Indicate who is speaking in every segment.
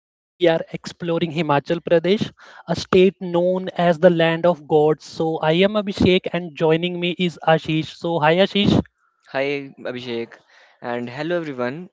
Speaker 1: Today we are exploring Himachal Pradesh, a state known as the land of gods. So, I am Abhishek and joining me is Ashish. So, hi Ashish.
Speaker 2: Hi, Abhishek, and hello everyone.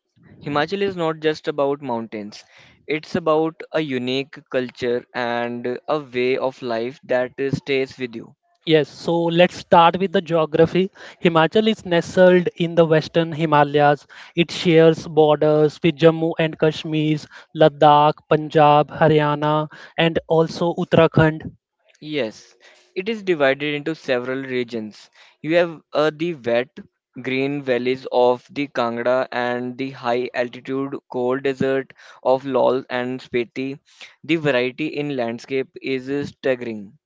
Speaker 2: Himachal is not just about mountains, it's about a unique culture and a way of life that stays with you.
Speaker 1: Yes, so let's start with the geography. Himachal is nestled in the western Himalayas. It shares borders with Jammu and Kashmir, Ladakh, Punjab, Haryana, and also Uttarakhand.
Speaker 2: Yes, it is divided into several regions. You have the wet, green valleys of the Kangra and the high altitude cold desert of Lol and Spiti. The variety in landscape is staggering.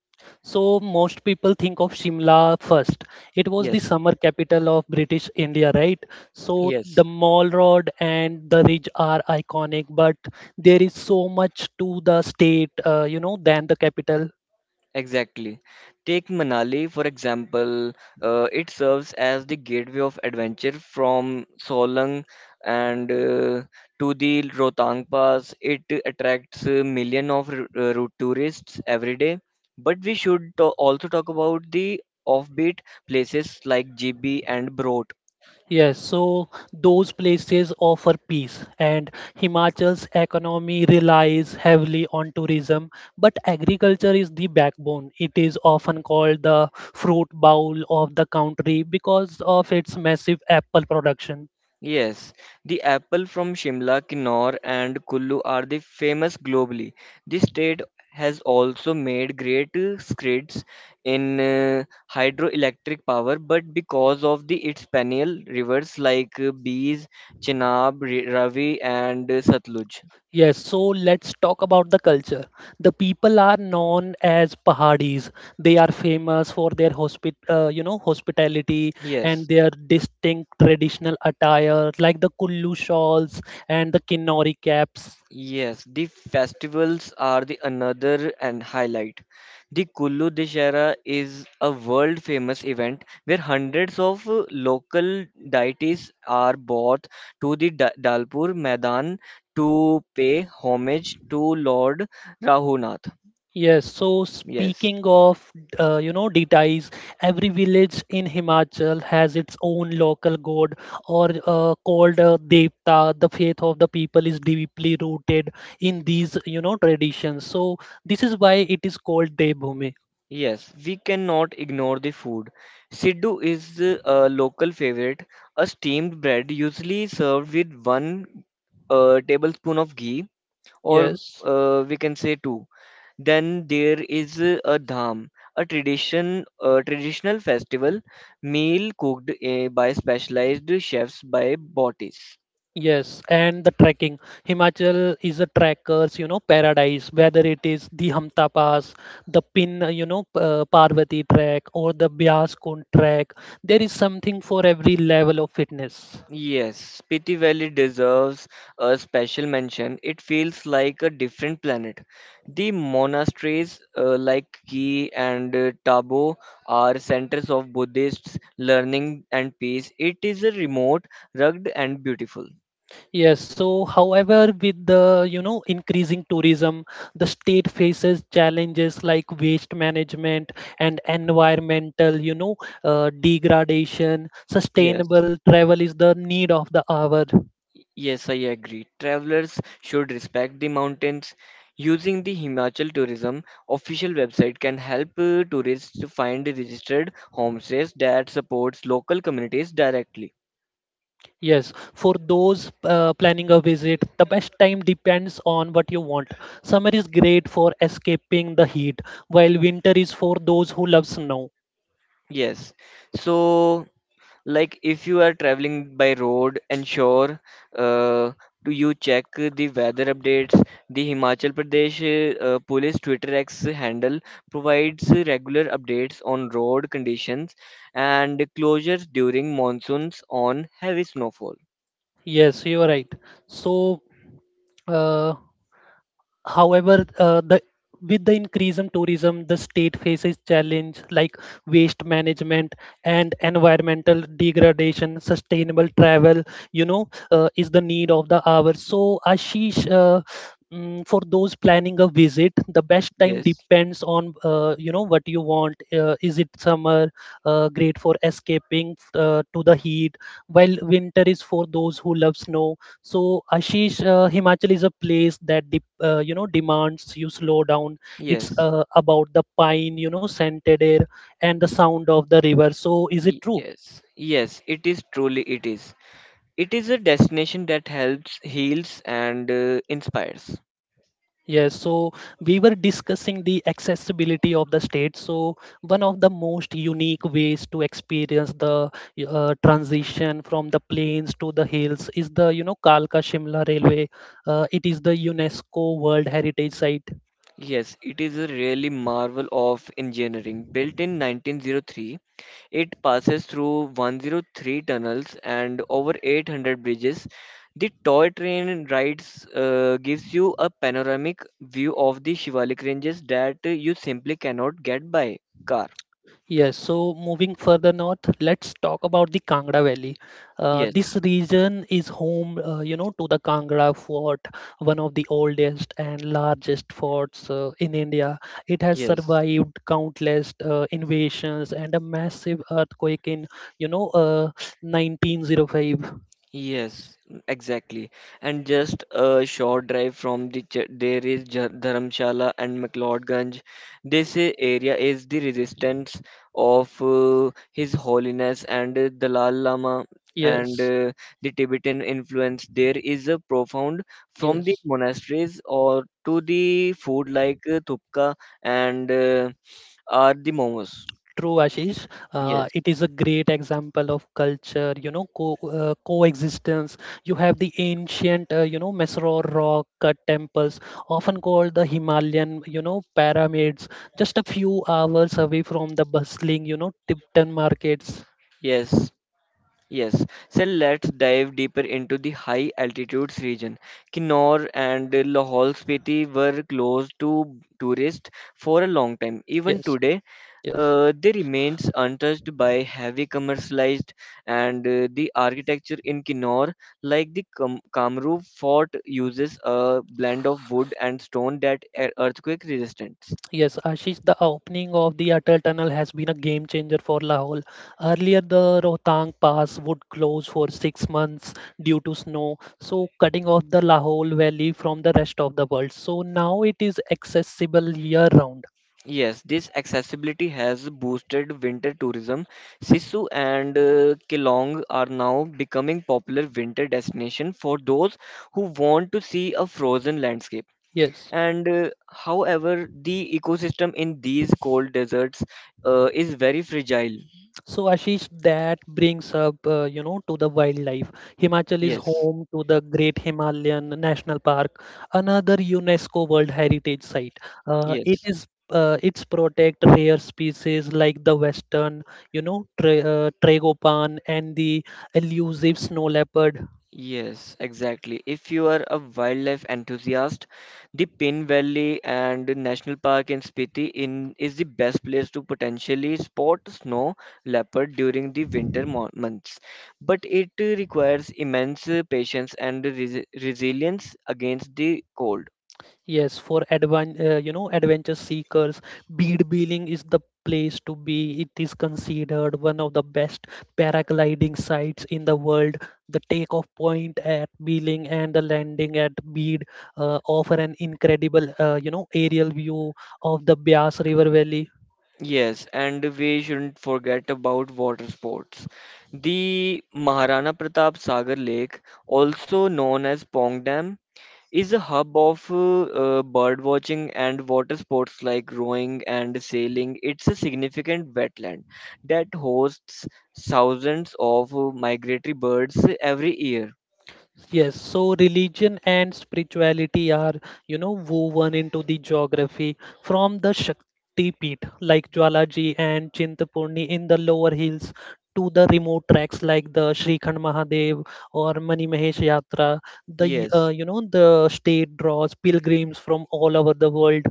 Speaker 1: So most people think of Shimla first. It was the
Speaker 2: Yes,
Speaker 1: summer capital of British India, right? So
Speaker 2: yes.
Speaker 1: the Mall Road and the ridge are iconic, but there is so much to the state than the capital.
Speaker 2: Exactly. Take Manali, for example, it serves as the gateway of adventure from Solang and to the Rohtang Pass. It attracts million of tourists every day. But we should also talk about the offbeat places like GB and Broad.
Speaker 1: Yes, so those places offer peace, and Himachal's economy relies heavily on tourism. But agriculture is the backbone. It is often called the fruit bowl of the country because of its massive apple production.
Speaker 2: Yes, the apple from Shimla, Kinnaur, and Kullu are the famous globally. This state has also made great strides in hydroelectric power, but because of the its perennial rivers like Bees, Chenab, Ravi, and Satluj.
Speaker 1: Yes, so let's talk about the culture. The people are known as Pahadis. They are famous for their hospitality and
Speaker 2: Yes.
Speaker 1: their distinct traditional attire, like the Kullu shawls and the Kinnori caps.
Speaker 2: Yes, the festivals are the another and highlight. The Kullu Dashera is a world famous event where hundreds of local deities are brought to the Dalpur Maidan to pay homage to Lord Rahunath.
Speaker 1: Yes, so
Speaker 2: Yes.
Speaker 1: speaking of deities, every village in Himachal has its own local god or called Devta. The faith of the people is deeply rooted in these traditions. So this is why it is called Devbhumi.
Speaker 2: Yes, we cannot ignore the food. Siddu is a local favorite, a steamed bread usually served with one a tablespoon of ghee or
Speaker 1: Yes.
Speaker 2: we can say two. Then there is a dham, a traditional festival meal cooked by specialized chefs by bodies.
Speaker 1: Yes, and the trekking. Himachal is a trekkers paradise. Whether it is the Hamta Pass, the Pin Parvati trek, or the Bias Kund trek, there is something for every level of fitness.
Speaker 2: Yes, Spiti Valley deserves a special mention. It feels like a different planet. The monasteries like Ki and Tabo are centers of Buddhist learning and peace. It is a remote, rugged, and beautiful.
Speaker 1: Yes, so however, with the increasing tourism, the state faces challenges like waste management and environmental degradation.
Speaker 2: Yes.
Speaker 1: Sustainable travel is the need of the hour.
Speaker 2: Yes, I agree. Travelers should respect the mountains. Using the Himachal Tourism official website can help tourists to find registered homestays that supports local communities directly.
Speaker 1: Yes, for those planning a visit, the best time depends on what you want. Summer is great for escaping the heat, while winter is for those who love snow.
Speaker 2: Yes. So like if you are traveling by road ensure uh, do you check the weather updates the Himachal Pradesh police Twitter X handle provides regular updates on road conditions and closures during monsoons on heavy snowfall.
Speaker 1: Yes, you are right. So, uh, However, the with the increase in tourism, the state faces challenge like waste management and environmental degradation. Sustainable travel is the need of the hour. So, Ashish, for those planning a visit, the best time
Speaker 2: Yes,
Speaker 1: depends on what you want. Is it summer, great for escaping to the heat, while winter is for those who love snow. So, Ashish, Himachal is a place that demands you slow down. It's
Speaker 2: yes.
Speaker 1: about the pine scented air and the sound of the river. So is it
Speaker 2: y-
Speaker 1: true?
Speaker 2: yes yes it is truly it is a destination that helps heals and inspires.
Speaker 1: Yes. So we were discussing the accessibility of the state. So one of the most unique ways to experience the transition from the plains to the hills is the Kalka Shimla Railway. It is the UNESCO World Heritage Site.
Speaker 2: Yes, it is a really marvel of engineering. Built in 1903, it passes through 103 tunnels and over 800 bridges. The toy train rides gives you a panoramic view of the Shivalik ranges that you simply cannot get by car.
Speaker 1: Yes, so moving further north, let's talk about the Kangra Valley.
Speaker 2: Yes,
Speaker 1: This region is home to the Kangra Fort, one of the oldest and largest forts in India. It has
Speaker 2: yes.
Speaker 1: survived countless invasions and a massive earthquake in, you know, uh, 1905.
Speaker 2: Yes, mm, exactly. And just a short drive from the ch there is Dharamshala and McLeodganj. This area is the resistance of His Holiness and the Lal Lama and
Speaker 1: Yes,
Speaker 2: the Tibetan influence. There is a profound from the
Speaker 1: yes.
Speaker 2: monasteries or to the food like thupka and are the momos.
Speaker 1: True, Ashish.
Speaker 2: Yes,
Speaker 1: It is a great example of culture, you know, co coexistence. You have the ancient Mysore rock cut temples, often called the Himalayan pyramids, just a few hours away from the bustling Tipton markets.
Speaker 2: yes. Yes, so let's dive deeper into the high altitudes region. Kinnaur and Lahaul Spiti were closed to tourists for a long time. Even
Speaker 1: Yes,
Speaker 2: today,
Speaker 1: yes.
Speaker 2: they remains untouched by heavy commercialized and the architecture in Kinnaur, like the Kam Kamrup fort, uses a blend of wood and stone that are earthquake resistant.
Speaker 1: Yes, Ashish, the opening of the Atal Tunnel has been a game changer for Lahore. Earlier, the Rohtang Pass would close for 6 months due to snow, so cutting off the Lahore Valley from the rest of the world. So now it is accessible year round.
Speaker 2: Yes, this accessibility has boosted winter tourism. Sisu and Kelong are now becoming popular winter destination for those who want to see a frozen landscape.
Speaker 1: Yes.
Speaker 2: And however, the ecosystem in these cold deserts is very fragile.
Speaker 1: So, Ashish, that brings up to the wildlife. Himachal is
Speaker 2: Yes,
Speaker 1: home to the Great Himalayan National Park, another UNESCO World Heritage Site. Uh, it
Speaker 2: yes.
Speaker 1: is uh, it's protect rare species like the western tragopan and the elusive snow leopard.
Speaker 2: Yes, exactly. If you are a wildlife enthusiast, the Pin Valley and the National Park in Spiti in is the best place to potentially spot snow leopard during the winter months. But it requires immense patience and resilience against the cold.
Speaker 1: Yes, for advan you know adventure seekers, bead Billing is the place to be. It is considered one of the best paragliding sites in the world. The takeoff point at Beeling and the landing at Bead offer an incredible aerial view of the Bias River Valley.
Speaker 2: Yes, and we shouldn't forget about water sports. The Maharana Pratap Sagar Lake, also known as Pong Dam, is a hub of bird watching and water sports like rowing and sailing. It's a significant wetland that hosts thousands of migratory birds every year.
Speaker 1: Yes, so religion and spirituality are woven into the geography from the Shakti Peeth like Jwalaji and Chintapurni in the lower hills to the remote tracks like the Shrikhand Mahadev or Mani Mahesh Yatra. The, uh,
Speaker 2: Yes.
Speaker 1: you know, the state draws pilgrims from all over the world.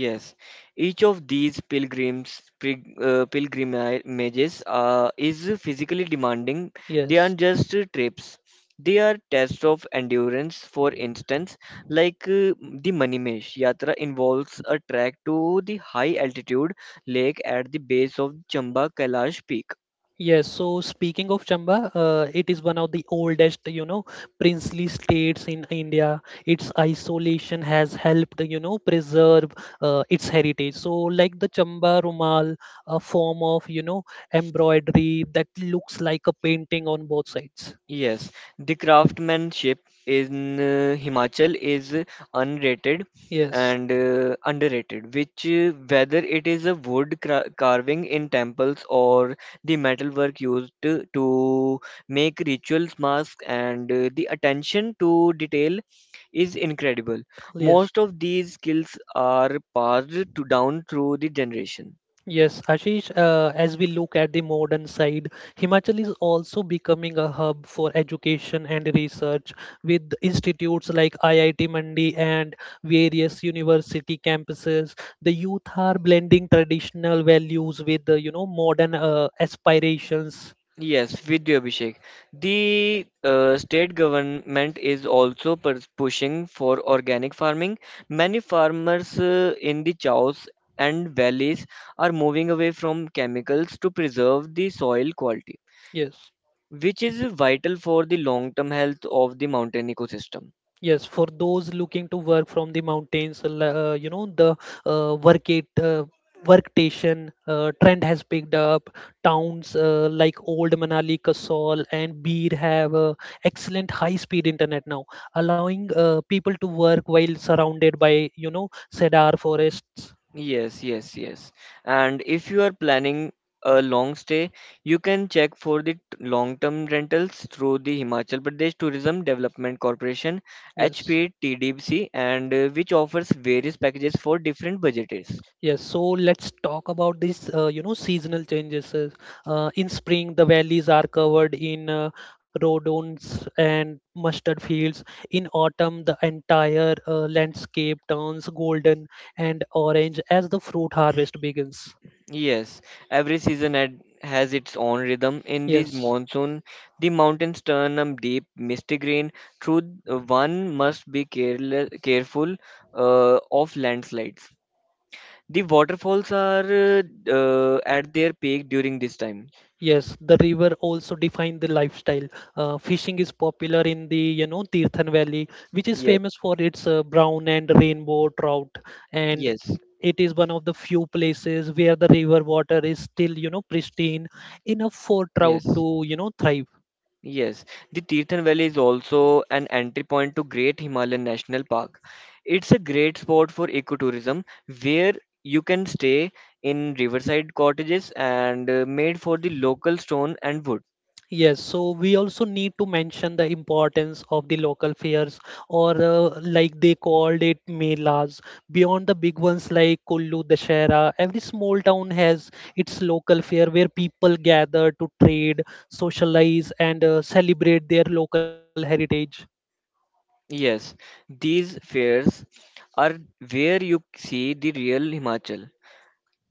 Speaker 2: Yes, each of these pilgrimages is physically demanding. They
Speaker 1: Yes.
Speaker 2: aren't just trips; they are tests of endurance. For instance, like the Manimesh Yatra involves a trek to the high altitude lake at the base of Chamba Kailash peak.
Speaker 1: Yes, so speaking of Chamba, it is one of the oldest princely states in India. Its isolation has helped preserve its heritage. So, like the Chamba Rumal, a form of embroidery that looks like a painting on both sides.
Speaker 2: Yes, the craftsmanship in Himachal is unrated
Speaker 1: Yes,
Speaker 2: and underrated, which whether it is a carving in temples or the metalwork used to make rituals, masks, and the attention to detail is incredible.
Speaker 1: yes.
Speaker 2: Most of these skills are passed down through the generation.
Speaker 1: Yes, Ashish, as we look at the modern side, Himachal is also becoming a hub for education and research with institutes like IIT Mandi and various university campuses. The youth are blending traditional values with the modern aspirations.
Speaker 2: Yes, with you, Abhishek. The state government is also pushing for organic farming. Many farmers in the chaos and valleys are moving away from chemicals to preserve the soil quality,
Speaker 1: Yes.
Speaker 2: which is vital for the long-term health of the mountain ecosystem.
Speaker 1: Yes, for those looking to work from the mountains the uh, work it, uh, workstation trend has picked up. Towns like Old Manali, Kasol, and Bir have excellent high-speed internet now, allowing people to work while surrounded by cedar forests.
Speaker 2: Yes, yes, yes. And if you are planning a long stay, you can check for the long-term rentals through the Himachal Pradesh Tourism Development Corporation
Speaker 1: Yes.
Speaker 2: (HPTDC) and which offers various packages for different budgets.
Speaker 1: Yes, so let's talk about this seasonal changes. In spring, the valleys are covered in rhodons and mustard fields. In autumn, the entire landscape turns golden and orange as the fruit harvest begins.
Speaker 2: Yes, every season has its own rhythm. In this
Speaker 1: Yes.
Speaker 2: monsoon, the mountains turn a deep misty green. Through one must be careful of landslides. The waterfalls are at their peak during this time.
Speaker 1: Yes, the river also defined the lifestyle. Fishing is popular in the Tirthan Valley, which is
Speaker 2: Yes,
Speaker 1: famous for its brown and rainbow trout, and
Speaker 2: yes,
Speaker 1: it is one of the few places where the river water is still pristine enough for trout
Speaker 2: yes,
Speaker 1: to thrive.
Speaker 2: yes. The Tirthan Valley is also an entry point to Great Himalayan National Park. It's a great spot for ecotourism where you can stay in riverside cottages and made for the local stone and wood.
Speaker 1: Yes, so we also need to mention the importance of the local fairs or like they called it melas. Beyond the big ones like Kullu, Dashera, every small town has its local fair where people gather to trade, socialize, and celebrate their local heritage.
Speaker 2: Yes, these fairs are where you see the real Himachal.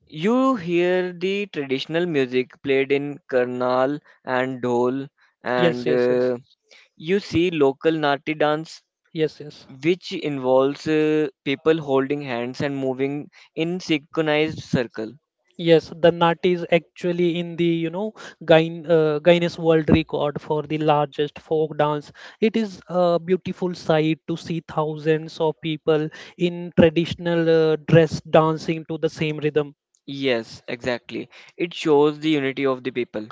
Speaker 2: You hear the traditional music played in Karnal and Dhol,
Speaker 1: Yes,
Speaker 2: and
Speaker 1: yes, yes.
Speaker 2: you see local Nati dance,
Speaker 1: Yes, yes.
Speaker 2: which involves people holding hands and moving in synchronized circle.
Speaker 1: Yes, the nut is actually in the Guinness World Record for the largest folk dance. It is a beautiful sight to see thousands of people in traditional dress dancing to the same rhythm.
Speaker 2: Yes, exactly. It shows the unity of the people,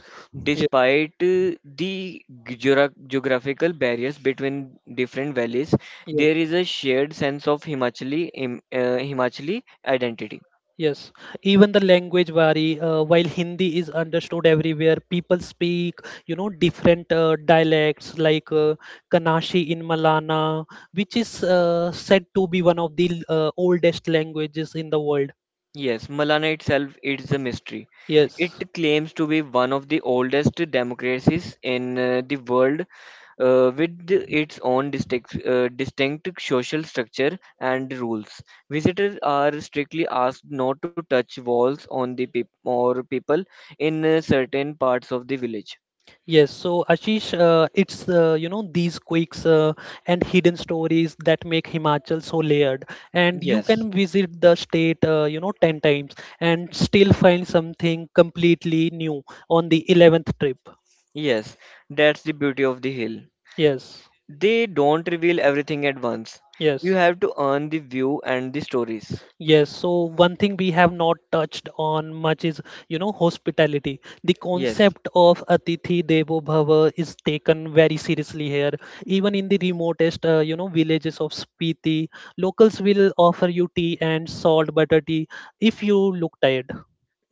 Speaker 1: Yes,
Speaker 2: despite the geographical barriers between different valleys.
Speaker 1: yes,
Speaker 2: There is a shared sense of Himachali identity.
Speaker 1: yes. Even the language vary. While Hindi is understood everywhere, people speak different dialects like Kanashi in Malana, which is said to be one of the oldest languages in the world.
Speaker 2: Yes, Malana itself is a mystery.
Speaker 1: Yes,
Speaker 2: It claims to be one of the oldest democracies in the world, its own distinct social structure and rules. Visitors are strictly asked not to touch walls on the peop or people in certain parts of the village.
Speaker 1: yes. So, Ashish, it's these quirks and hidden stories that make Himachal so layered, and you
Speaker 2: Yes,
Speaker 1: can visit the state 10 times and still find something completely new on the 11th trip.
Speaker 2: yes, that's the beauty of the hill.
Speaker 1: Yes,
Speaker 2: They don't reveal everything at once. You
Speaker 1: yes.
Speaker 2: have to earn the view and the stories.
Speaker 1: Yes, so one thing we have not touched on much is hospitality. The
Speaker 2: Yes.
Speaker 1: concept of Atithi Devo Bhava is taken very seriously here. Even in the remotest villages of Spiti, locals will offer you tea and salt butter tea if you look tired.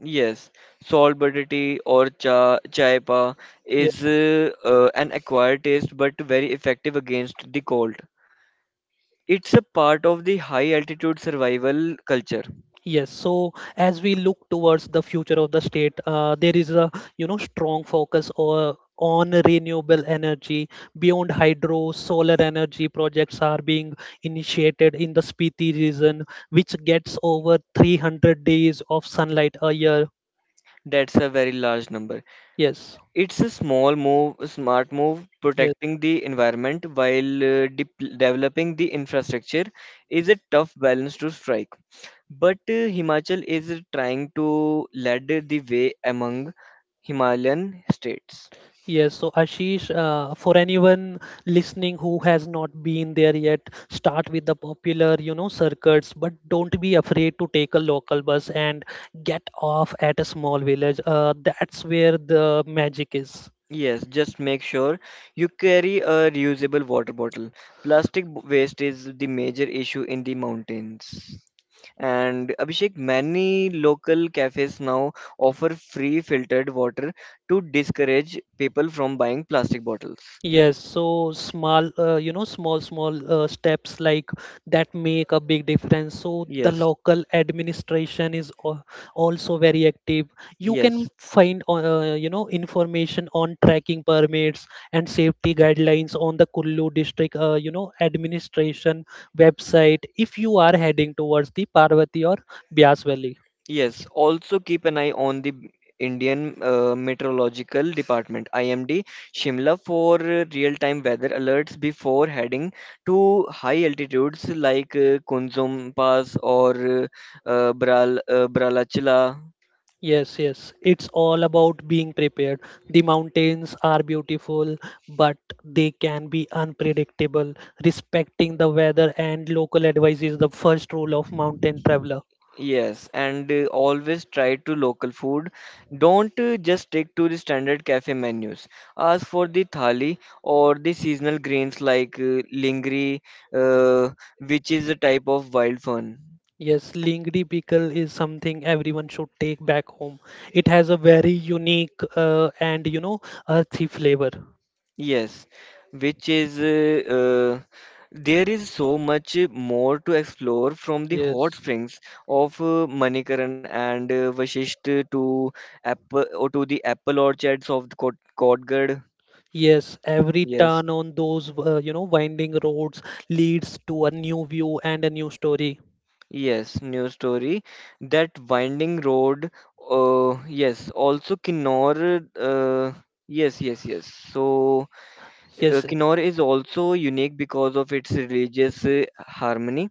Speaker 2: Yes, salt butter tea or cha chai pa is an acquired taste but very effective against the cold. It's a part of the high altitude survival culture.
Speaker 1: Yes, so as we look towards the future of the state, there is a strong focus or on renewable energy beyond hydro. Solar energy projects are being initiated in the Spiti region, which gets over 300 days of sunlight a year.
Speaker 2: That's a very large number.
Speaker 1: Yes,
Speaker 2: It's a a smart move,
Speaker 1: yes.
Speaker 2: protecting the environment while developing the infrastructure is a tough balance to strike. But Himachal is trying to lead the way among Himalayan states.
Speaker 1: Yes, so, Ashish, for anyone listening who has not been there yet, start with the popular circuits, but don't be afraid to take a local bus and get off at a small village. That's where the magic is.
Speaker 2: Yes, just make sure you carry a reusable water bottle. Plastic waste is the major issue in the mountains. And Abhishek, many local cafes now offer free filtered water to discourage people from buying plastic bottles.
Speaker 1: Yes, so small, you know, small, small steps like that make a big difference. So the
Speaker 2: Yes,
Speaker 1: local administration is also very active. You
Speaker 2: yes.
Speaker 1: can find information on tracking permits and safety guidelines on the Kullu district administration website if you are heading towards the Parvati or Bias Valley.
Speaker 2: Yes, also keep an eye on the Indian Meteorological Department IMD Shimla for real-time weather alerts before heading to high altitudes like Kunzum Pass or uh, Bralachila.
Speaker 1: Yes, yes. It's all about being prepared. The mountains are beautiful, but they can be unpredictable. Respecting the weather and local advice is the first rule of mountain traveler.
Speaker 2: Yes, and always try to local food. Don't just stick to the standard cafe menus. Ask for the thali or the seasonal greens like lingri, uh, which is a type of wild fern.
Speaker 1: Yes, Lingri pickle is something everyone should take back home. It has a very unique and earthy flavor.
Speaker 2: Yes, which is there is so much more to explore from the hot
Speaker 1: Yes.
Speaker 2: springs of Manikaran and Vashisht to apple or to the apple orchards of the Kot Kotgarh.
Speaker 1: Yes, every
Speaker 2: Yes,
Speaker 1: turn on those winding roads leads to a new view and a new story.
Speaker 2: yes, new story. That winding road. Yes, also Kinnor. Yes, yes, yes. So
Speaker 1: Yes,
Speaker 2: Kinnor is also unique because of its religious harmony.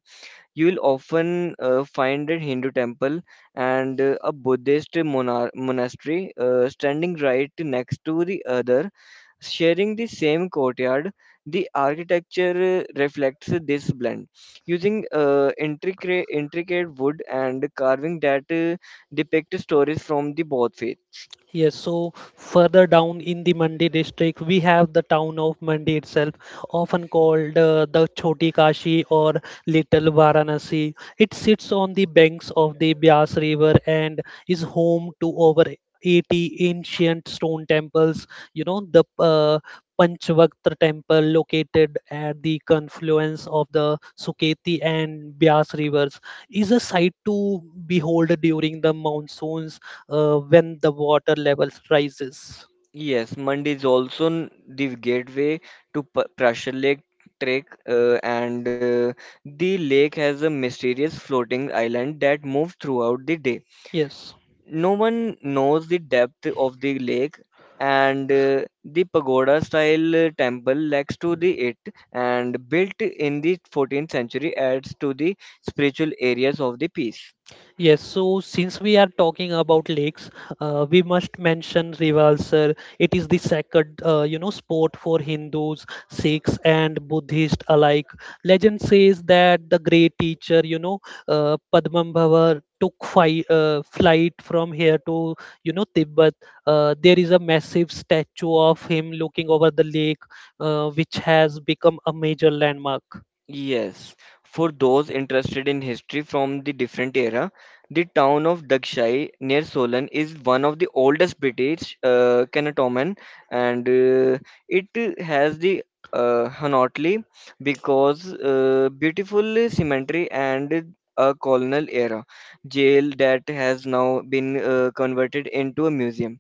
Speaker 2: You will often find a Hindu temple and a Buddhist monastery standing right next to the other, sharing the same courtyard. The architecture reflects this blend, using intricate wood and carving that depict stories from the both faiths.
Speaker 1: yes, so further down in the Mandi district, we have the town of Mandi itself, often called the Choti Kashi or Little Varanasi. It sits on the banks of the Bias River and is home to over 80 ancient stone temples. The Panchvaktra temple located at the confluence of the Suketi and Bias rivers is a sight to behold during the monsoons when the water levels rises.
Speaker 2: Yes, Mund is also the gateway to Prussia Lake Trek, and the lake has a mysterious floating island that moves throughout the day.
Speaker 1: Yes.
Speaker 2: No one knows the depth of the lake, and the pagoda-style temple next to the it and built in the 14th century adds to the spiritual areas of the piece.
Speaker 1: Yes, so since we are talking about lakes, we must mention Rivalsar. It is the sacred, sport for Hindus, Sikhs, and Buddhists alike. Legend says that the great teacher, Padmambhava took flight from here to, Tibet. There is a massive statue of him looking over the lake, which has become a major landmark.
Speaker 2: Yes, for those interested in history from the different era, the town of Dakshai near Solan is one of the oldest British cantonment, and it has the Hanautli because beautiful cemetery and a colonial era jail that has now been converted into a museum.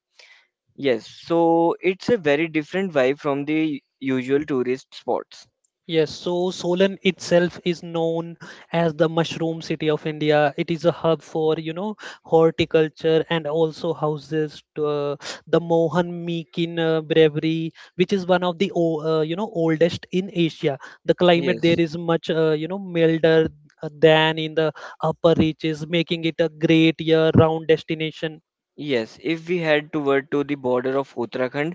Speaker 2: Yes, so it's a very different vibe from the usual tourist spots.
Speaker 1: Yes, so Solan itself is known as the mushroom city of India. It is a hub for, horticulture and also houses to, the Mohan Meakin Brewery, which is one of the, oldest in Asia. The climate
Speaker 2: Yes.
Speaker 1: there is much, milder than in the upper reaches, making it a great year-round destination.
Speaker 2: Yes, if we head toward to the border of Uttarakhand,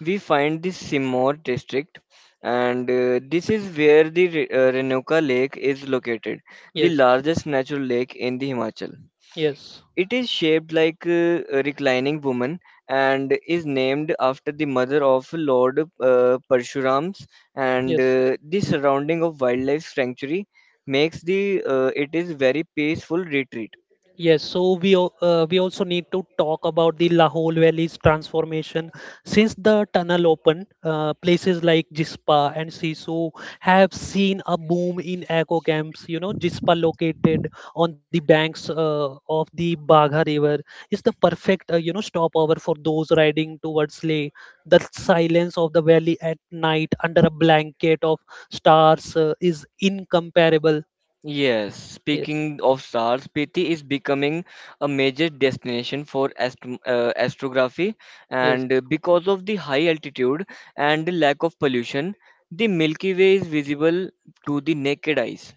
Speaker 2: we find the Simoor district, and this is where the Renuka Lake is located, the
Speaker 1: Yes,
Speaker 2: largest natural lake in the Himachal.
Speaker 1: yes,
Speaker 2: It is shaped like a reclining woman and is named after the mother of Lord Parshuram's, and
Speaker 1: yes.
Speaker 2: the surrounding of wildlife sanctuary makes the it is very peaceful retreat.
Speaker 1: Yes, so we also need to talk about the Lahore Valley's transformation. Since the tunnel opened, places like Jispa and Sisu have seen a boom in eco camps. You know, Jispa located on the banks of the Bagha River is the perfect stopover for those riding towards Leh. The silence of the valley at night under a blanket of stars is incomparable.
Speaker 2: Yes,
Speaker 1: Yes,
Speaker 2: speaking of stars, Spiti is becoming a major destination for astrography,
Speaker 1: yes.
Speaker 2: and because of the high altitude and the lack of pollution, the Milky Way is visible to the naked eyes.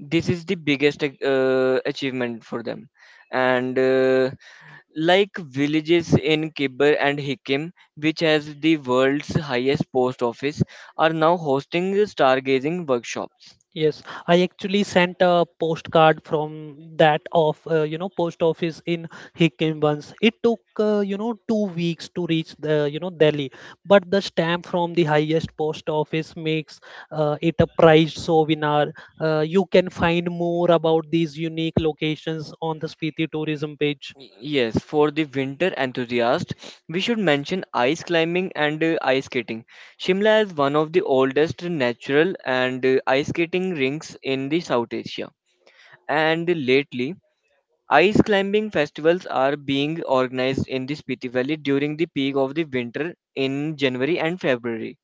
Speaker 2: This is the biggest achievement for them. And like villages in Kibber and Hikim, which has the world's highest post office, are now hosting stargazing workshops.
Speaker 1: Yes, I actually sent a postcard from that of post office in Hikkim once. It took 2 weeks to reach the Delhi, but the stamp from the highest post office makes it a prized souvenir. You can find more about these unique locations on the Spiti tourism page.
Speaker 2: Yes, for the winter enthusiast, we should mention ice climbing and ice skating. Shimla is one of the oldest natural and ice skating rinks in the South Asia. And lately, ice climbing festivals are being organized in the Spiti Valley during the peak of the winter in January and February.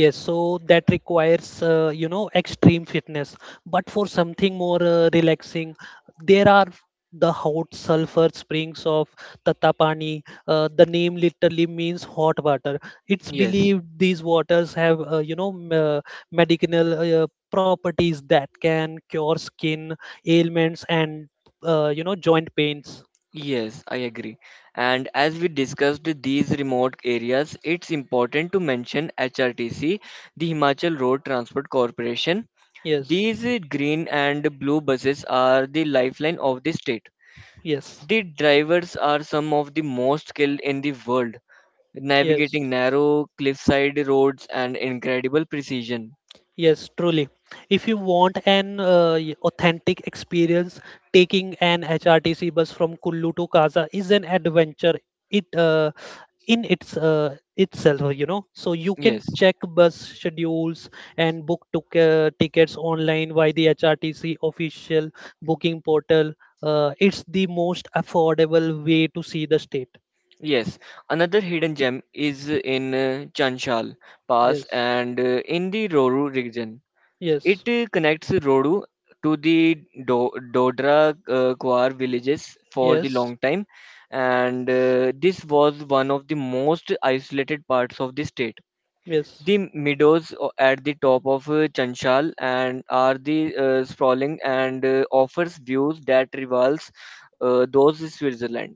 Speaker 1: Yes, so that requires, extreme fitness. But for something more relaxing, there are the hot sulfur springs of Tatapani. The name literally means hot water. It's
Speaker 2: Yes,
Speaker 1: believed these waters have, medicinal properties that can cure skin ailments and, joint pains.
Speaker 2: yes, I agree. And as we discussed these remote areas, it's important to mention HRTC, the Himachal Road Transport Corporation.
Speaker 1: Yes,
Speaker 2: These green and blue buses are the lifeline of the state.
Speaker 1: yes,
Speaker 2: The drivers are some of the most skilled in the world,
Speaker 1: yes.
Speaker 2: navigating narrow cliffside roads and incredible precision.
Speaker 1: Yes, truly. If you want an authentic experience, taking an HRTC bus from Kullu to Kaza is an adventure. It in itself, you know. So you can
Speaker 2: Yes,
Speaker 1: check bus schedules and book tickets online via the HRTC official booking portal. It's the most affordable way to see the state.
Speaker 2: yes. Another hidden gem is in Chanchal Pass
Speaker 1: Yes,
Speaker 2: and in the Roru region. It
Speaker 1: yes,
Speaker 2: uh, connects Rodu to the Dodra Kuar villages for the
Speaker 1: yes,
Speaker 2: long time, and this was one of the most isolated parts of the state.
Speaker 1: yes.
Speaker 2: The meadows at the top of Chanchal and are the sprawling and offers views that rivals those in Switzerland.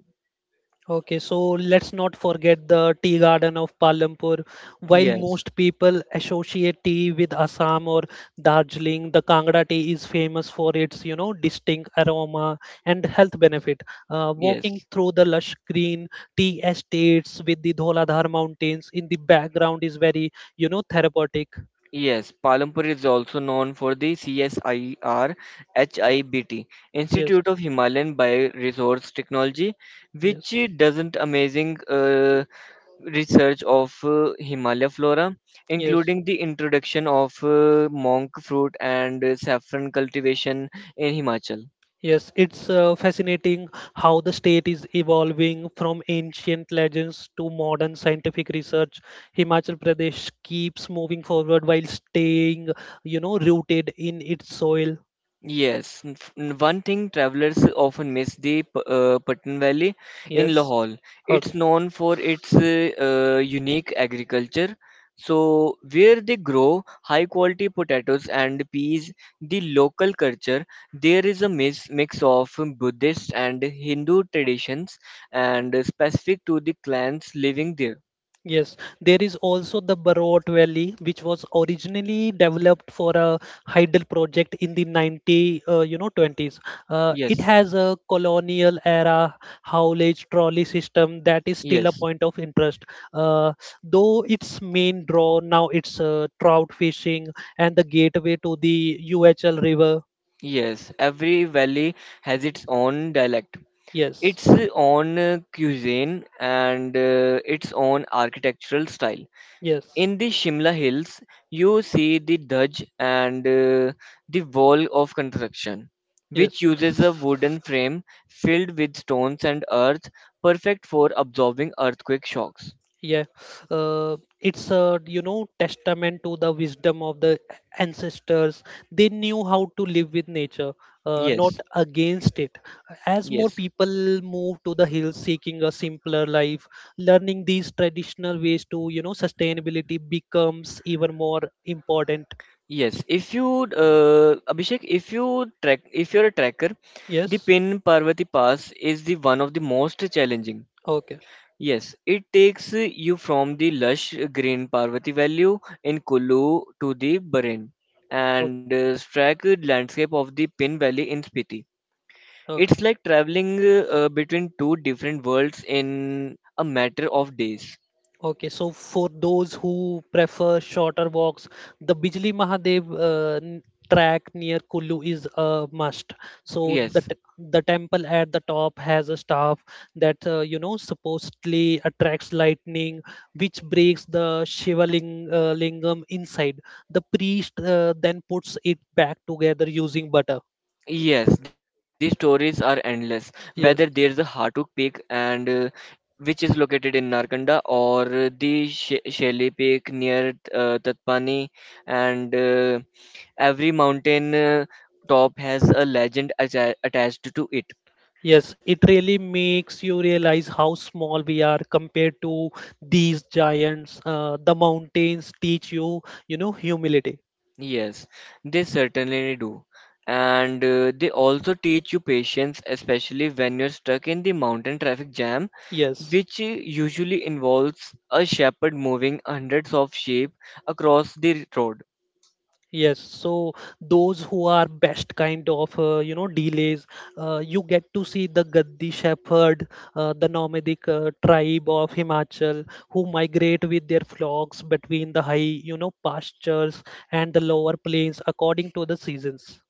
Speaker 1: Okay, so let's not forget the tea garden of Palampur. While
Speaker 2: Yes,
Speaker 1: most people associate tea with Assam or Darjeeling, the Kangra tea is famous for its, distinct aroma and health benefit. Walking
Speaker 2: yes.
Speaker 1: through the lush green tea estates with the Dholadhar mountains in the background is very, therapeutic.
Speaker 2: Yes, Palampur is also known for the CSIR HIBT
Speaker 1: Yes,
Speaker 2: Institute of Himalayan Bioresource Technology,
Speaker 1: yes,
Speaker 2: which doesn't amazing research of Himalaya flora,
Speaker 1: yes.
Speaker 2: including the introduction of monk fruit and saffron cultivation in Himachal.
Speaker 1: Yes, it's fascinating how the state is evolving from ancient legends to modern scientific research. Himachal Pradesh keeps moving forward while staying, rooted in its soil.
Speaker 2: Yes, one thing travelers often miss the Pathan Valley in
Speaker 1: Yes.
Speaker 2: Lahore.
Speaker 1: Okay.
Speaker 2: It's known for its unique agriculture. So, where they grow high quality potatoes and peas, the local culture, there is a mix of Buddhist and Hindu traditions and specific to the clans living there.
Speaker 1: Yes, there is also the Barot Valley, which was originally developed for a hydel project in the 20s. It
Speaker 2: Yes,
Speaker 1: has a colonial era haulage trolley system that is still a
Speaker 2: yes,
Speaker 1: point of interest. Uh, though its main draw now it's trout fishing and the gateway to the UHL River.
Speaker 2: yes. Every valley has its own dialect.
Speaker 1: Yes,
Speaker 2: Its own cuisine and its own architectural style.
Speaker 1: yes,
Speaker 2: In the Shimla Hills, you see the Daj and the wall of construction,
Speaker 1: yes.
Speaker 2: which uses a wooden frame filled with stones and earth, perfect for absorbing earthquake shocks.
Speaker 1: Yeah, it's a testament to the wisdom of the ancestors. They knew how to live with nature, not
Speaker 2: Yes,
Speaker 1: against it. As more
Speaker 2: yes.
Speaker 1: people move to the hills seeking a simpler life, learning these traditional ways to sustainability becomes even more important.
Speaker 2: Yes, if you Abhishek, if you're a trekker, the
Speaker 1: Yes.
Speaker 2: Pin Parvati Pass is the one of the most challenging.
Speaker 1: Okay.
Speaker 2: Yes, it takes you from the lush green Parvati Valley in Kullu to the barren and stark landscape of the Pin Valley in Spiti.
Speaker 1: Okay.
Speaker 2: It's like traveling between two different worlds in a matter of days.
Speaker 1: Okay, so for those who prefer shorter walks, the Bijli Mahadev track near Kullu is a must. So the
Speaker 2: Yes,
Speaker 1: the temple at the top has a staff that supposedly attracts lightning, which breaks the lingam inside. The priest then puts it back together using butter.
Speaker 2: yes, these stories are endless. Whether there's a
Speaker 1: Yes.
Speaker 2: Hatuk Peak and which is located in Narkanda or the Shelly Peak near Tatpani and every mountain top has a legend attached to it.
Speaker 1: Yes, it really makes you realize how small we are compared to these giants. The mountains teach you, humility.
Speaker 2: Yes, they certainly do. And they also teach you patience, especially when you're stuck in the mountain traffic jam,
Speaker 1: Yes,
Speaker 2: which usually involves a shepherd moving hundreds of sheep across the road.
Speaker 1: yes. So those who are best kind of, delays, you get to see the Gaddi shepherd, the nomadic tribe of Himachal, who migrate with their flocks between the high, pastures and the lower plains according to the seasons.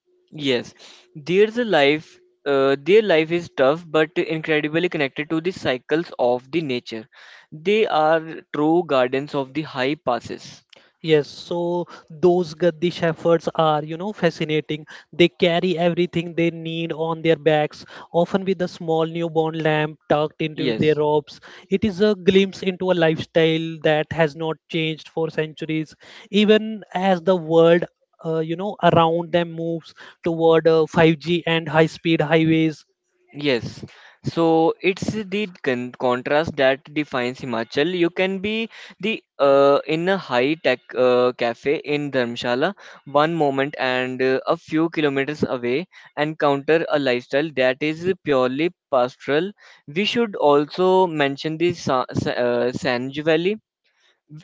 Speaker 2: Yes, there's a life. Their life is tough but incredibly connected to the cycles of the nature. They are true guardians of the high passes.
Speaker 1: Yes, so those Gaddi shepherds are, fascinating. They carry everything they need on their backs, often with a small newborn lamb tucked into their
Speaker 2: Yes,
Speaker 1: robes. It is a glimpse into a lifestyle that has not changed for centuries, even as the world, around them moves toward 5G and high-speed highways.
Speaker 2: yes. So it's the contrast that defines Himachal. You can be the in a high tech cafe in Dharamshala one moment and a few kilometers away encounter a lifestyle that is purely pastoral. We should also mention the Sanj Valley.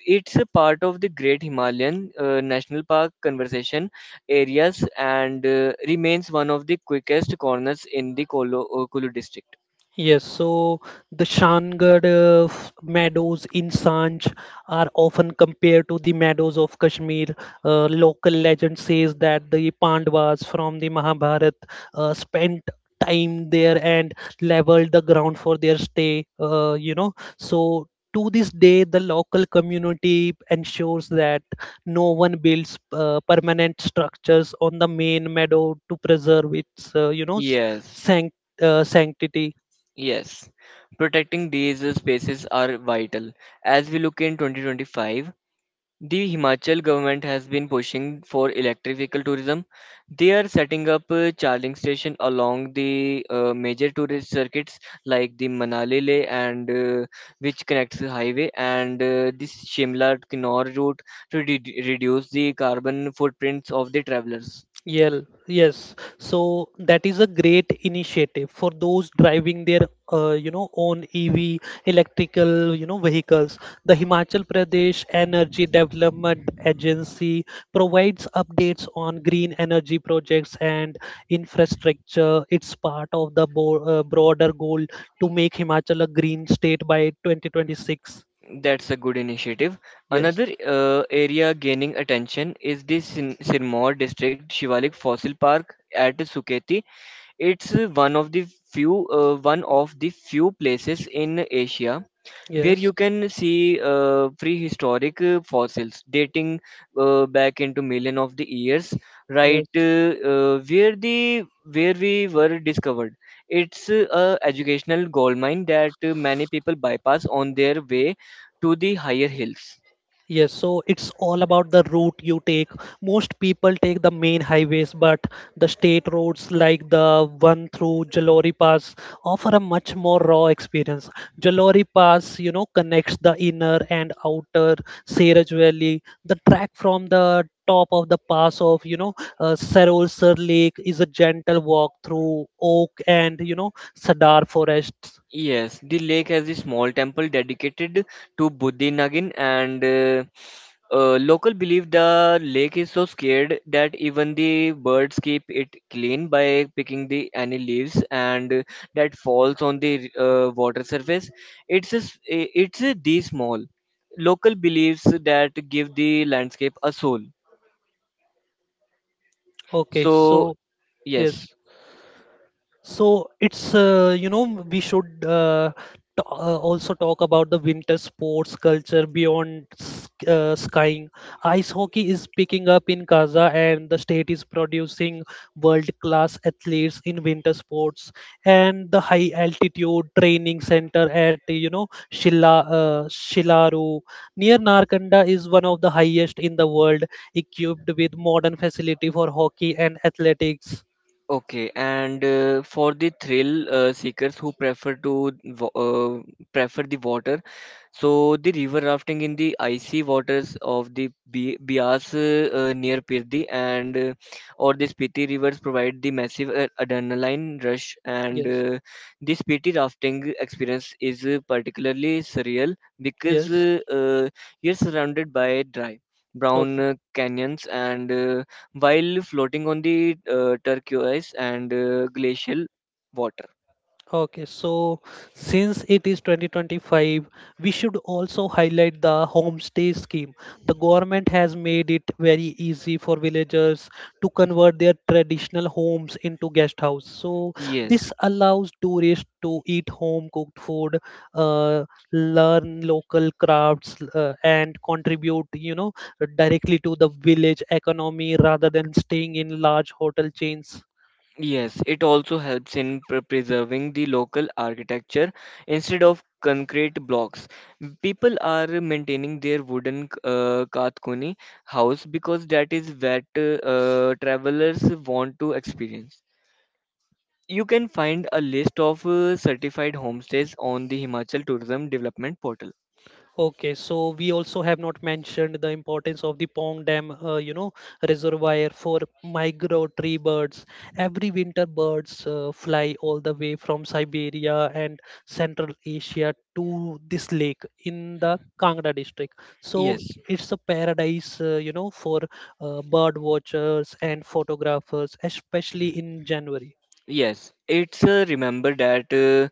Speaker 2: It's a part of the Great Himalayan National Park conservation areas and remains one of the quickest corners in the Kulu district.
Speaker 1: Yes, so the Shangarh meadows in Sanj are often compared to the meadows of Kashmir. Local legend says that the Pandavas from the Mahabharata spent time there and leveled the ground for their stay, So to this day, the local community ensures that no one builds permanent structures on the main meadow to preserve its,
Speaker 2: Yes,
Speaker 1: sanct- sanctity.
Speaker 2: yes. Protecting these spaces are vital. As we look in 2025, the Himachal government has been pushing for electric vehicle tourism. They are setting up charging station along the major tourist circuits like the Manali Leh and which connects the highway and the Shimla to Kinnaur route to reduce the carbon footprints of the travelers.
Speaker 1: Yeah, yes. So that is a great initiative for those driving their, own EV electrical, vehicles. The Himachal Pradesh Energy Development Agency provides updates on green energy projects and infrastructure. It's part of the broader goal to make Himachal a green state by 2026.
Speaker 2: That's a good initiative.
Speaker 1: Yes,
Speaker 2: Another area gaining attention is the Sirmaur district Shivalik Fossil Park at Suketi. It's one of the few one of the few places in Asia where
Speaker 1: yes,
Speaker 2: you can see prehistoric fossils dating back into million of the years, right
Speaker 1: yes.
Speaker 2: uh, uh, where the where we were discovered. It's a educational goldmine that many people bypass on their way to the higher hills.
Speaker 1: Yes, so it's all about the route you take. Most people take the main highways, but the state roads like the one through Jalori Pass offer a much more raw experience. Jalori Pass, connects the inner and outer Seraj Valley. The track from the top of the pass of, Sarolsar Lake is a gentle walk through oak and, Sadar forests.
Speaker 2: Yes, the lake has a small temple dedicated to Buddhi Nagin, and local believe the lake is so scared that even the birds keep it clean by picking the any leaves and that falls on the water surface. It's a, s- I- it's a, The small local beliefs that give the landscape a soul.
Speaker 1: Okay,
Speaker 2: So
Speaker 1: so
Speaker 2: yes,
Speaker 1: yes. So it's we should uh, also talk about the winter sports culture beyond skiing. Ice hockey is picking up in Gaza, and the state is producing world-class athletes in winter sports. And the high-altitude training center at Shilla Shilaru near Narkanda is one of the highest in the world, equipped with modern facility for hockey and athletics.
Speaker 2: okay, and for the thrill seekers who prefer the water. So the river rafting in the icy waters of the Bias near Pirdi and or the Spiti rivers provide the massive adrenaline rush, and
Speaker 1: Yes,
Speaker 2: the Spiti rafting experience is particularly surreal because
Speaker 1: yes.
Speaker 2: uh, uh, you're surrounded by dry brown
Speaker 1: Okay.
Speaker 2: canyons and while floating on the turquoise and glacial water.
Speaker 1: Okay, so since it is 2025, we should also highlight the homestay scheme. The government has made it very easy for villagers to convert their traditional homes into guest house. So this
Speaker 2: Yes.
Speaker 1: allows tourists to eat home cooked food, uh, learn local crafts, and contribute, directly to the village economy rather than staying in large hotel chains.
Speaker 2: Yes, it also helps in preserving the local architecture instead of concrete blocks. People are maintaining their wooden Kathkoni house because that is what travelers want to experience. You can find a list of certified homestays on the Himachal Tourism Development Portal.
Speaker 1: Okay, so we also have not mentioned the importance of the Pong Dam, reservoir for migratory birds. Every winter, birds fly all the way from Siberia and Central Asia to this lake in the Kangra district. So
Speaker 2: Yes.
Speaker 1: it's a paradise, for bird watchers and photographers, especially in January.
Speaker 2: Yes, it's remember that uh,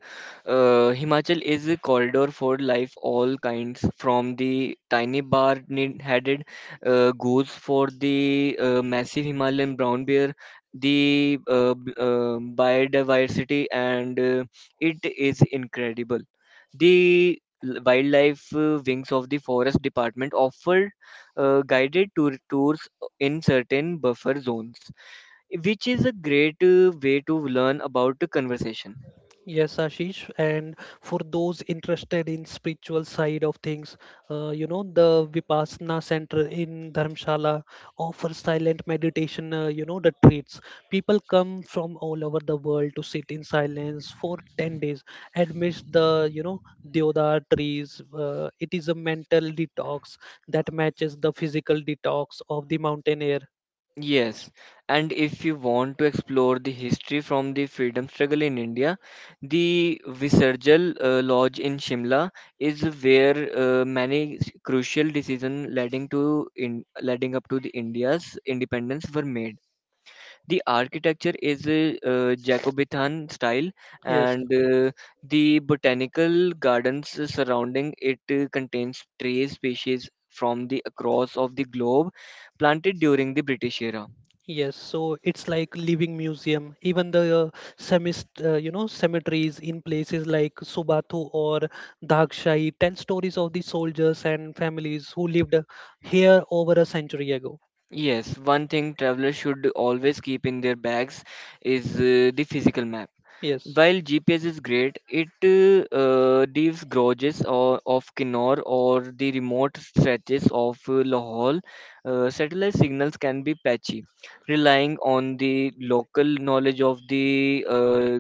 Speaker 2: uh, Himachal is a corridor for life, all kinds, from the tiny headed goose for the massive Himalayan brown bear, the biodiversity, and it is incredible. The wildlife wings of the forest department offer guided tours in certain buffer zones which is a great way to learn about the conversation.
Speaker 1: Yes, Ashish, and for those interested in spiritual side of things, the Vipassana center in Dharamshala offers silent meditation. The retreats. People come from all over the world to sit in silence for 10 days amidst the deodar trees. It is a mental detox that matches the physical detox of the mountain air.
Speaker 2: Yes, and if you want to explore the history from the freedom struggle in India, the Visarjal Lodge in Shimla is where many crucial decisions leading up to the India's independence were made. The architecture is a Jacobean style,
Speaker 1: Yes.
Speaker 2: and the botanical gardens surrounding it contains tree species from the across of the globe planted during the British era.
Speaker 1: Yes, so it's like living museum. Even the cemeteries in places like Subathu or Dhakshay tell stories of the soldiers and families who lived here over a century ago.
Speaker 2: Yes, one thing travelers should always keep in their bags is the physical map.
Speaker 1: Yes.
Speaker 2: While GPS is great, it leaves garages or of Kinnaur or the remote stretches of Lahore. Satellite signals can be patchy, relying on the local knowledge of the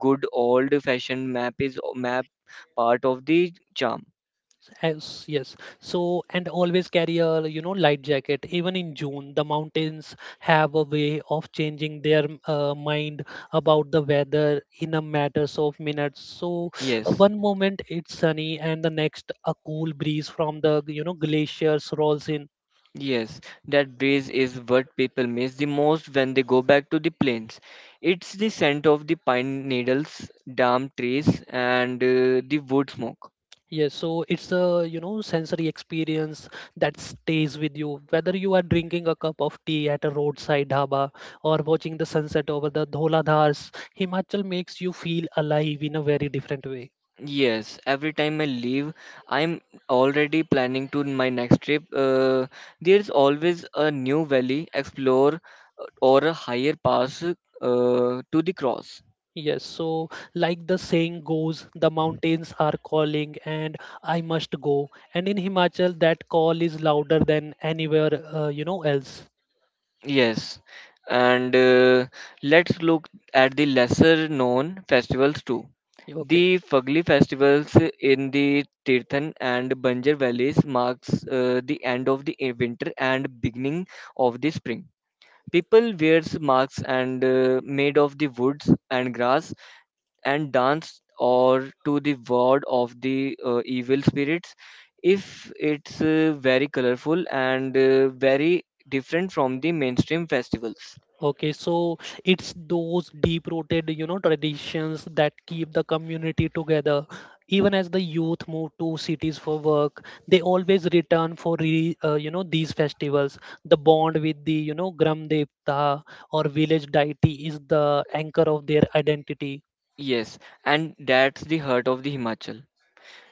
Speaker 2: good old-fashioned map part of the charm.
Speaker 1: Yes, yes. So, and always carry a, light jacket. Even in June, the mountains have a way of changing their mind about the weather in a matters of minutes. So,
Speaker 2: Yes.
Speaker 1: one moment it's sunny, and the next a cool breeze from the, glaciers rolls in.
Speaker 2: Yes, that breeze is what people miss the most when they go back to the plains. It's the scent of the pine needles, damp trees, and the wood smoke.
Speaker 1: Yes, so it's a, sensory experience that stays with you. Whether you are drinking a cup of tea at a roadside dhaba or watching the sunset over the Dholadhars, Himachal makes you feel alive in a very different way.
Speaker 2: Yes, every time I leave, I'm already planning to my next trip. There's always a new valley explore or a higher pass to the cross.
Speaker 1: Yes, so like the saying goes, the mountains are calling and I must go. And in Himachal, that call is louder than anywhere, else.
Speaker 2: Yes, and let's look at the lesser known festivals too.
Speaker 1: Okay.
Speaker 2: The Fugli festivals in the Tirthan and Banjar valleys marks the end of the winter and beginning of the spring. People wears masks and made of the woods and grass and dance or to the ward of the evil spirits if it's very colorful and very different from the mainstream festivals.
Speaker 1: Okay, so it's those deep-rooted, traditions that keep the community together. Even as the youth move to cities for work, they always return for re, you know these festivals. The bond with the Gram Devta or village deity is the anchor of their identity.
Speaker 2: Yes, and that's the heart of the Himachal.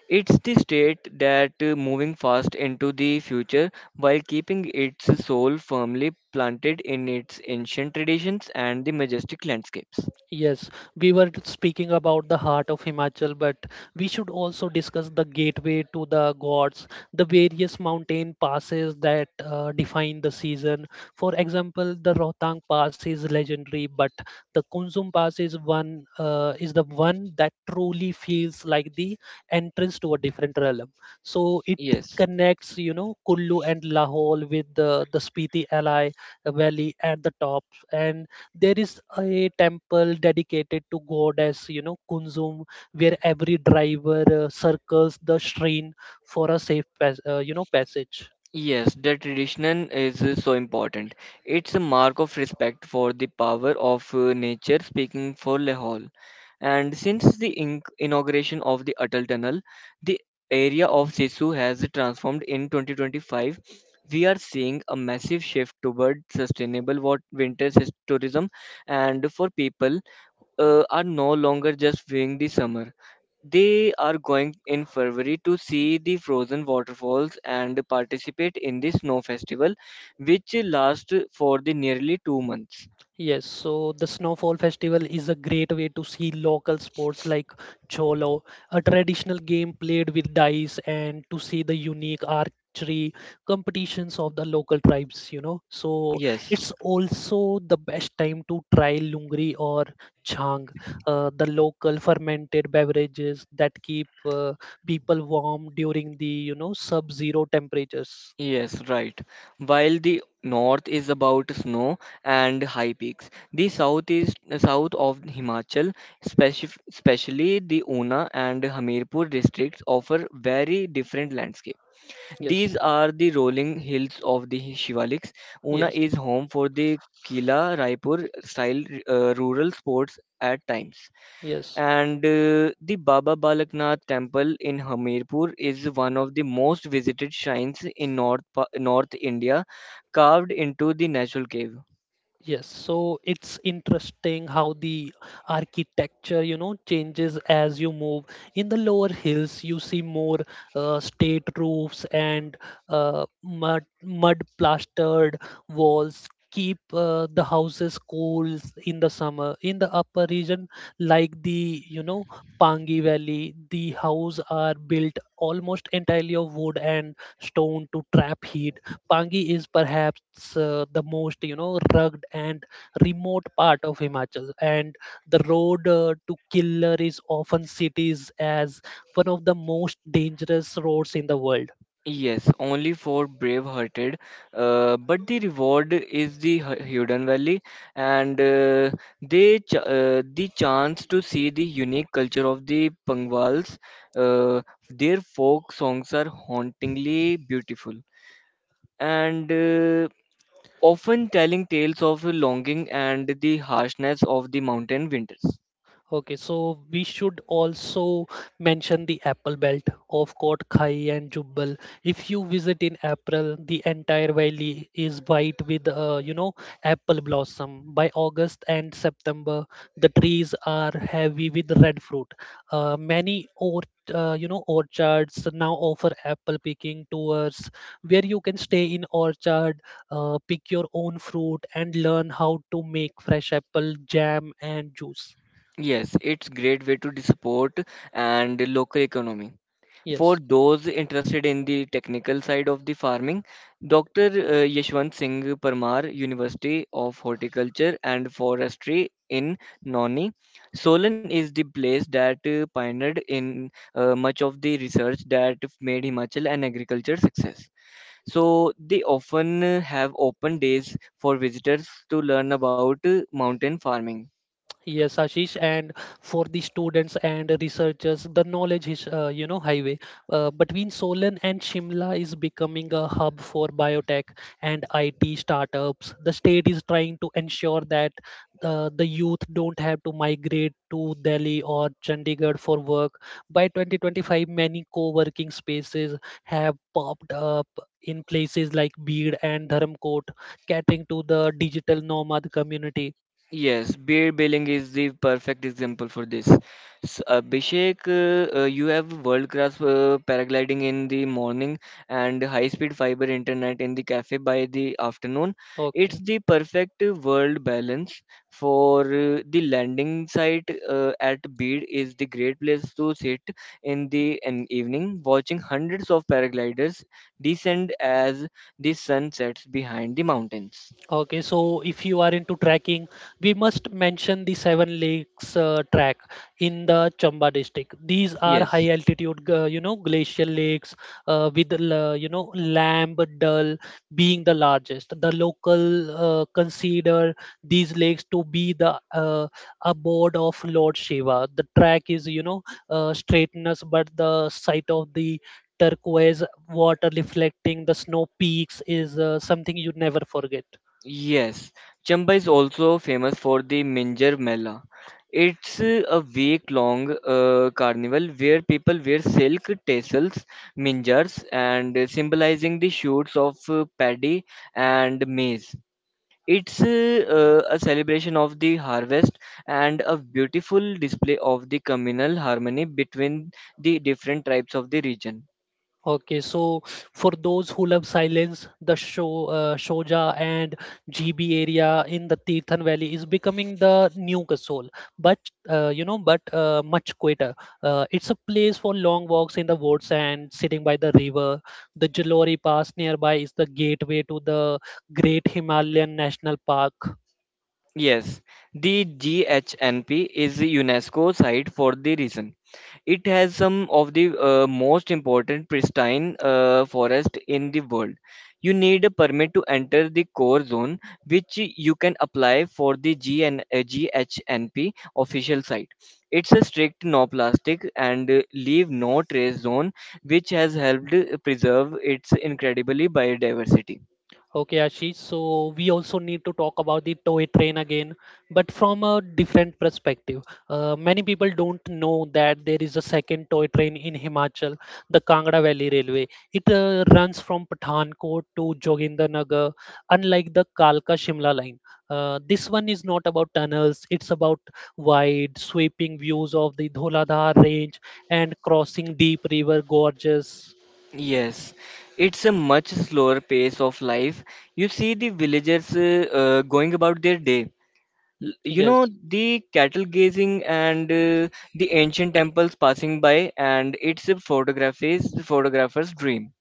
Speaker 2: It's the state that moving fast into the future while keeping its soul firmly planted in its ancient traditions and the majestic landscapes.
Speaker 1: Yes, we were speaking about the heart of Himachal, but we should also discuss the gateway to the gods, the various mountain passes that define the season. For example, the Rohtang Pass is legendary, but the Kunzum Pass is one is the one that truly feels like the entrance to a different realm. So it
Speaker 2: Yes.
Speaker 1: connects, Kullu and Lahore with the Spiti Alai Valley at the top, and there is a temple dedicated to goddess, Kunzum, where every driver circles the shrine for a safe, passage.
Speaker 2: Yes, the tradition is so important. It's a mark of respect for the power of nature speaking for Lahore. And since the inauguration of the Atal Tunnel, the area of Sisu has transformed in 2025. We are seeing a massive shift toward winter tourism, and for people are no longer just viewing the summer. They are going in February to see the frozen waterfalls and participate in the snow festival, which lasts for the nearly 2 months.
Speaker 1: Yes, so the Snowfall Festival is a great way to see local sports like Cholo, a traditional game played with dice, and to see the unique archery competitions of the local tribes.
Speaker 2: Yes,
Speaker 1: It's also the best time to try lungri or chang, the local fermented beverages that keep people warm during the sub-zero temperatures.
Speaker 2: yes, right. While the north is about snow and high peaks, the south is south of Himachal, speci especially the Una and Hamirpur districts, offer very different landscapes.
Speaker 1: Yes,
Speaker 2: These are the rolling hills of the Shivaliks. Una
Speaker 1: yes,
Speaker 2: is home for the Kila Raipur style rural sports at times.
Speaker 1: yes.
Speaker 2: And the Baba Balaknath temple in Hamirpur is one of the most visited shrines in North India, carved into the natural cave.
Speaker 1: Yes, so it's interesting how the architecture changes as you move. In the lower hills, you see more state roofs and mud plastered walls keep the houses cool in the summer. In the upper region, like the Pangi Valley, the houses are built almost entirely of wood and stone to trap heat. Pangi is perhaps the most rugged and remote part of Himachal, and the road to Killer is often cited as one of the most dangerous roads in the world.
Speaker 2: Yes, only for brave-hearted. But the reward is the Hidden Valley, and the chance to see the unique culture of the Pangvals. Uh, their folk songs are hauntingly beautiful, and often telling tales of longing and the harshness of the mountain winters.
Speaker 1: Okay, so we should also mention the Apple Belt of Kotkhai and Jubbal. If you visit in April, the entire valley is white with, apple blossom. By August and September, the trees are heavy with red fruit. Many or you know orchards now offer apple picking tours where you can stay in orchard, pick your own fruit, and learn how to make fresh apple jam and juice.
Speaker 2: Yes, it's great way to support and local economy. For
Speaker 1: Yes.
Speaker 2: those interested in the technical side of the farming, Dr. Yashwant Singh Parmar, University of Horticulture and Forestry in Nauni, Solan is the place that pioneered in much of the research that made Himachal an agriculture success. So they often have open days for visitors to learn about mountain farming.
Speaker 1: Yes, Ashish, and for the students and researchers, the knowledge is, highway between Solan and Shimla is becoming a hub for biotech and IT startups. The state is trying to ensure that the youth don't have to migrate to Delhi or Chandigarh for work. By 2025, many co-working spaces have popped up in places like Bid and Dharamkot, catering to the digital nomad community.
Speaker 2: Yes, beer bailing is the perfect example for this. S Abhishek, you have world-class paragliding in the morning and high-speed fiber internet in the cafe by the afternoon. It's
Speaker 1: Okay.
Speaker 2: the perfect world balance for the landing site at Bid is the great place to sit in the an evening, watching hundreds of paragliders descend as the sun sets behind the mountains.
Speaker 1: Okay, so if you are into trekking, we must mention the Seven Lakes track in the Chamba district. These are
Speaker 2: Yes.
Speaker 1: high altitude, glacial lakes with, Lamb Dal being the largest. The local consider these lakes to be the abode of Lord Shiva. The track is, straightness, but the sight of the turquoise water reflecting the snow peaks is something you never forget.
Speaker 2: Yes, Chamba is also famous for the Minjar Mela. It's a week-long carnival where people wear silk tassels, minjars, and symbolizing the shoots of paddy and maize. It's a celebration of the harvest and a beautiful display of the communal harmony between the different tribes of the region.
Speaker 1: Okay, so for those who love silence, the show, Shoja and GB area in the Tirthan Valley is becoming the new Kasol, but much quieter. It's a place for long walks in the woods and sitting by the river. The Jalori Pass nearby is the gateway to the Great Himalayan National Park.
Speaker 2: Yes, the GHNP is a UNESCO site for the reason. It has some of the most important pristine forest in the world. You need a permit to enter the core zone, which you can apply for the GHNP official site. It's a strict no plastic and leave no trace zone, which has helped preserve its incredibly biodiversity.
Speaker 1: Okay, Ashish. So we also need to talk about the toy train again, but from a different perspective. Many people don't know that there is a second toy train in Himachal, the Kangra Valley Railway. It runs from Pathankot to Jogindernagar, unlike the Kalka Shimla line. This one is not about tunnels, it's about wide, sweeping views of the Dholadhar range and crossing deep river gorges.
Speaker 2: Yes, it's a much slower pace of life. You see the villagers going about their day L- you
Speaker 1: Yes.
Speaker 2: know the cattle gazing and the ancient temples passing by, and it's a photographer's dream.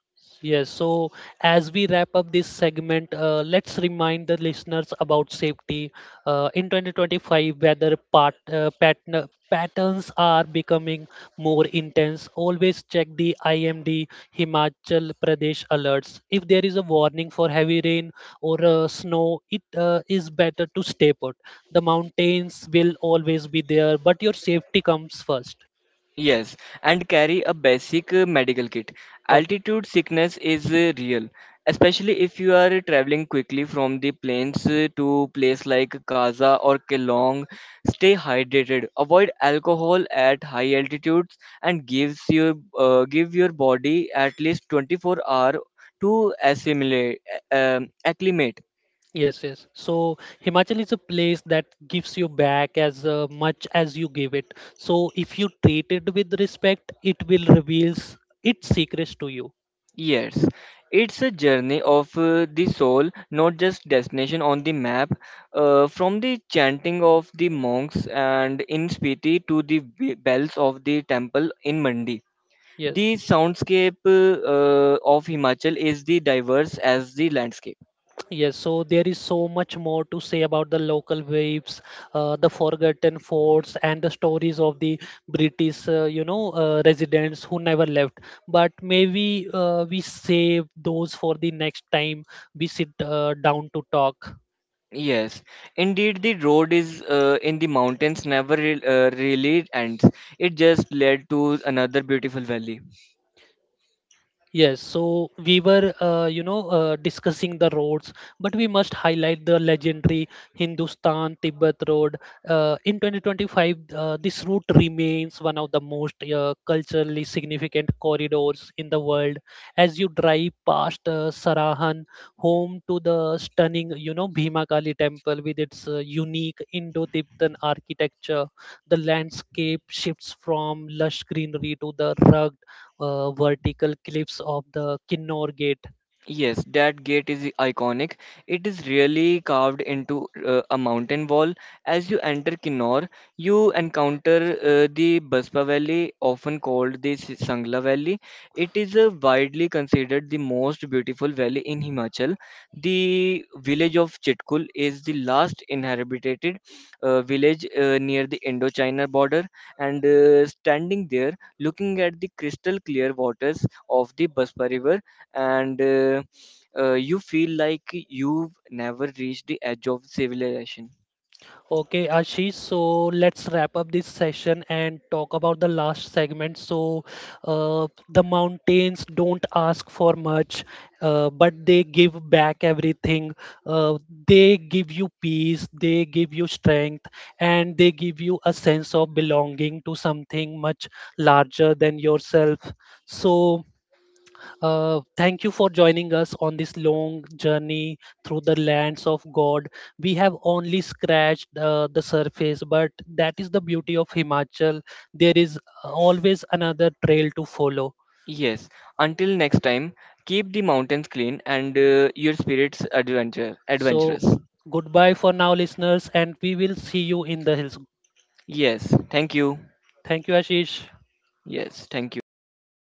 Speaker 1: Yes, so as we wrap up this segment, let's remind the listeners about safety. In 2025, patterns are becoming more intense. Always check the IMD Himachal Pradesh alerts. If there is a warning for heavy rain or snow, it is better to stay put. The mountains will always be there, but your safety comes first.
Speaker 2: Yes, and carry a basic medical kit.
Speaker 1: Ok.
Speaker 2: Altitude sickness is real, especially if you are traveling quickly from the plains to place like Kaza or Kelong. Stay hydrated. Avoid alcohol at high altitudes and gives your give your body at least 24 hour to assimilate acclimate.
Speaker 1: Yes, yes. So Himachal is a place that gives you back as much as you give it. So if you treat it with respect, it will reveals its secrets to you.
Speaker 2: Yes, it's a journey of the soul, not just destination on the map. From the chanting of the monks and in Spiti to the bells of the temple in Mandi. The
Speaker 1: Yes,
Speaker 2: soundscape of Himachal is the diverse as the landscape.
Speaker 1: yes. So there is so much more to say about the local waves, the forgotten forts, and the stories of the British, residents who never left. But maybe we save those for the next time we sit down to talk.
Speaker 2: Yes, indeed, the road is in the mountains never really ends. It just led to another beautiful valley.
Speaker 1: Yes, so we were, discussing the roads, but we must highlight the legendary Hindustan Tibet Road. In 2025, this route remains one of the most culturally significant corridors in the world. As you drive past Sarahan, home to the stunning Bhimakali temple with its unique Indo-Tibetan architecture, the landscape shifts from lush greenery to the rugged vertical cliffs of the Kinnor Gate.
Speaker 2: Yes, that gate is iconic. It is really carved into a mountain wall. As you enter Kinnor, you encounter the Baspa Valley, often called the Sangla Valley. It is widely considered the most beautiful valley in Himachal. The village of Chitkul is the last inhabited village near the Indochina border, and standing there, looking at the crystal clear waters of the Baspa River and you feel like you've never reached the edge of civilization.
Speaker 1: Okay, Ashish, so let's wrap up this session and talk about the last segment. So, the mountains don't ask for much, but they give back everything. Uh, they give you peace, they give you strength, and they give you a sense of belonging to something much larger than yourself. So, thank you for joining us on this long journey through the lands of God. We have only scratched the surface, but that is the beauty of Himachal. There is always another trail to follow.
Speaker 2: Yes, until next time, keep the mountains clean and your spirits adventure
Speaker 1: So,
Speaker 2: adventurous.
Speaker 1: goodbye for now, listeners, and we will see you in the hills.
Speaker 2: Yes, thank you.
Speaker 1: Thank you, Ashish.
Speaker 2: Yes, thank you, Abhishek.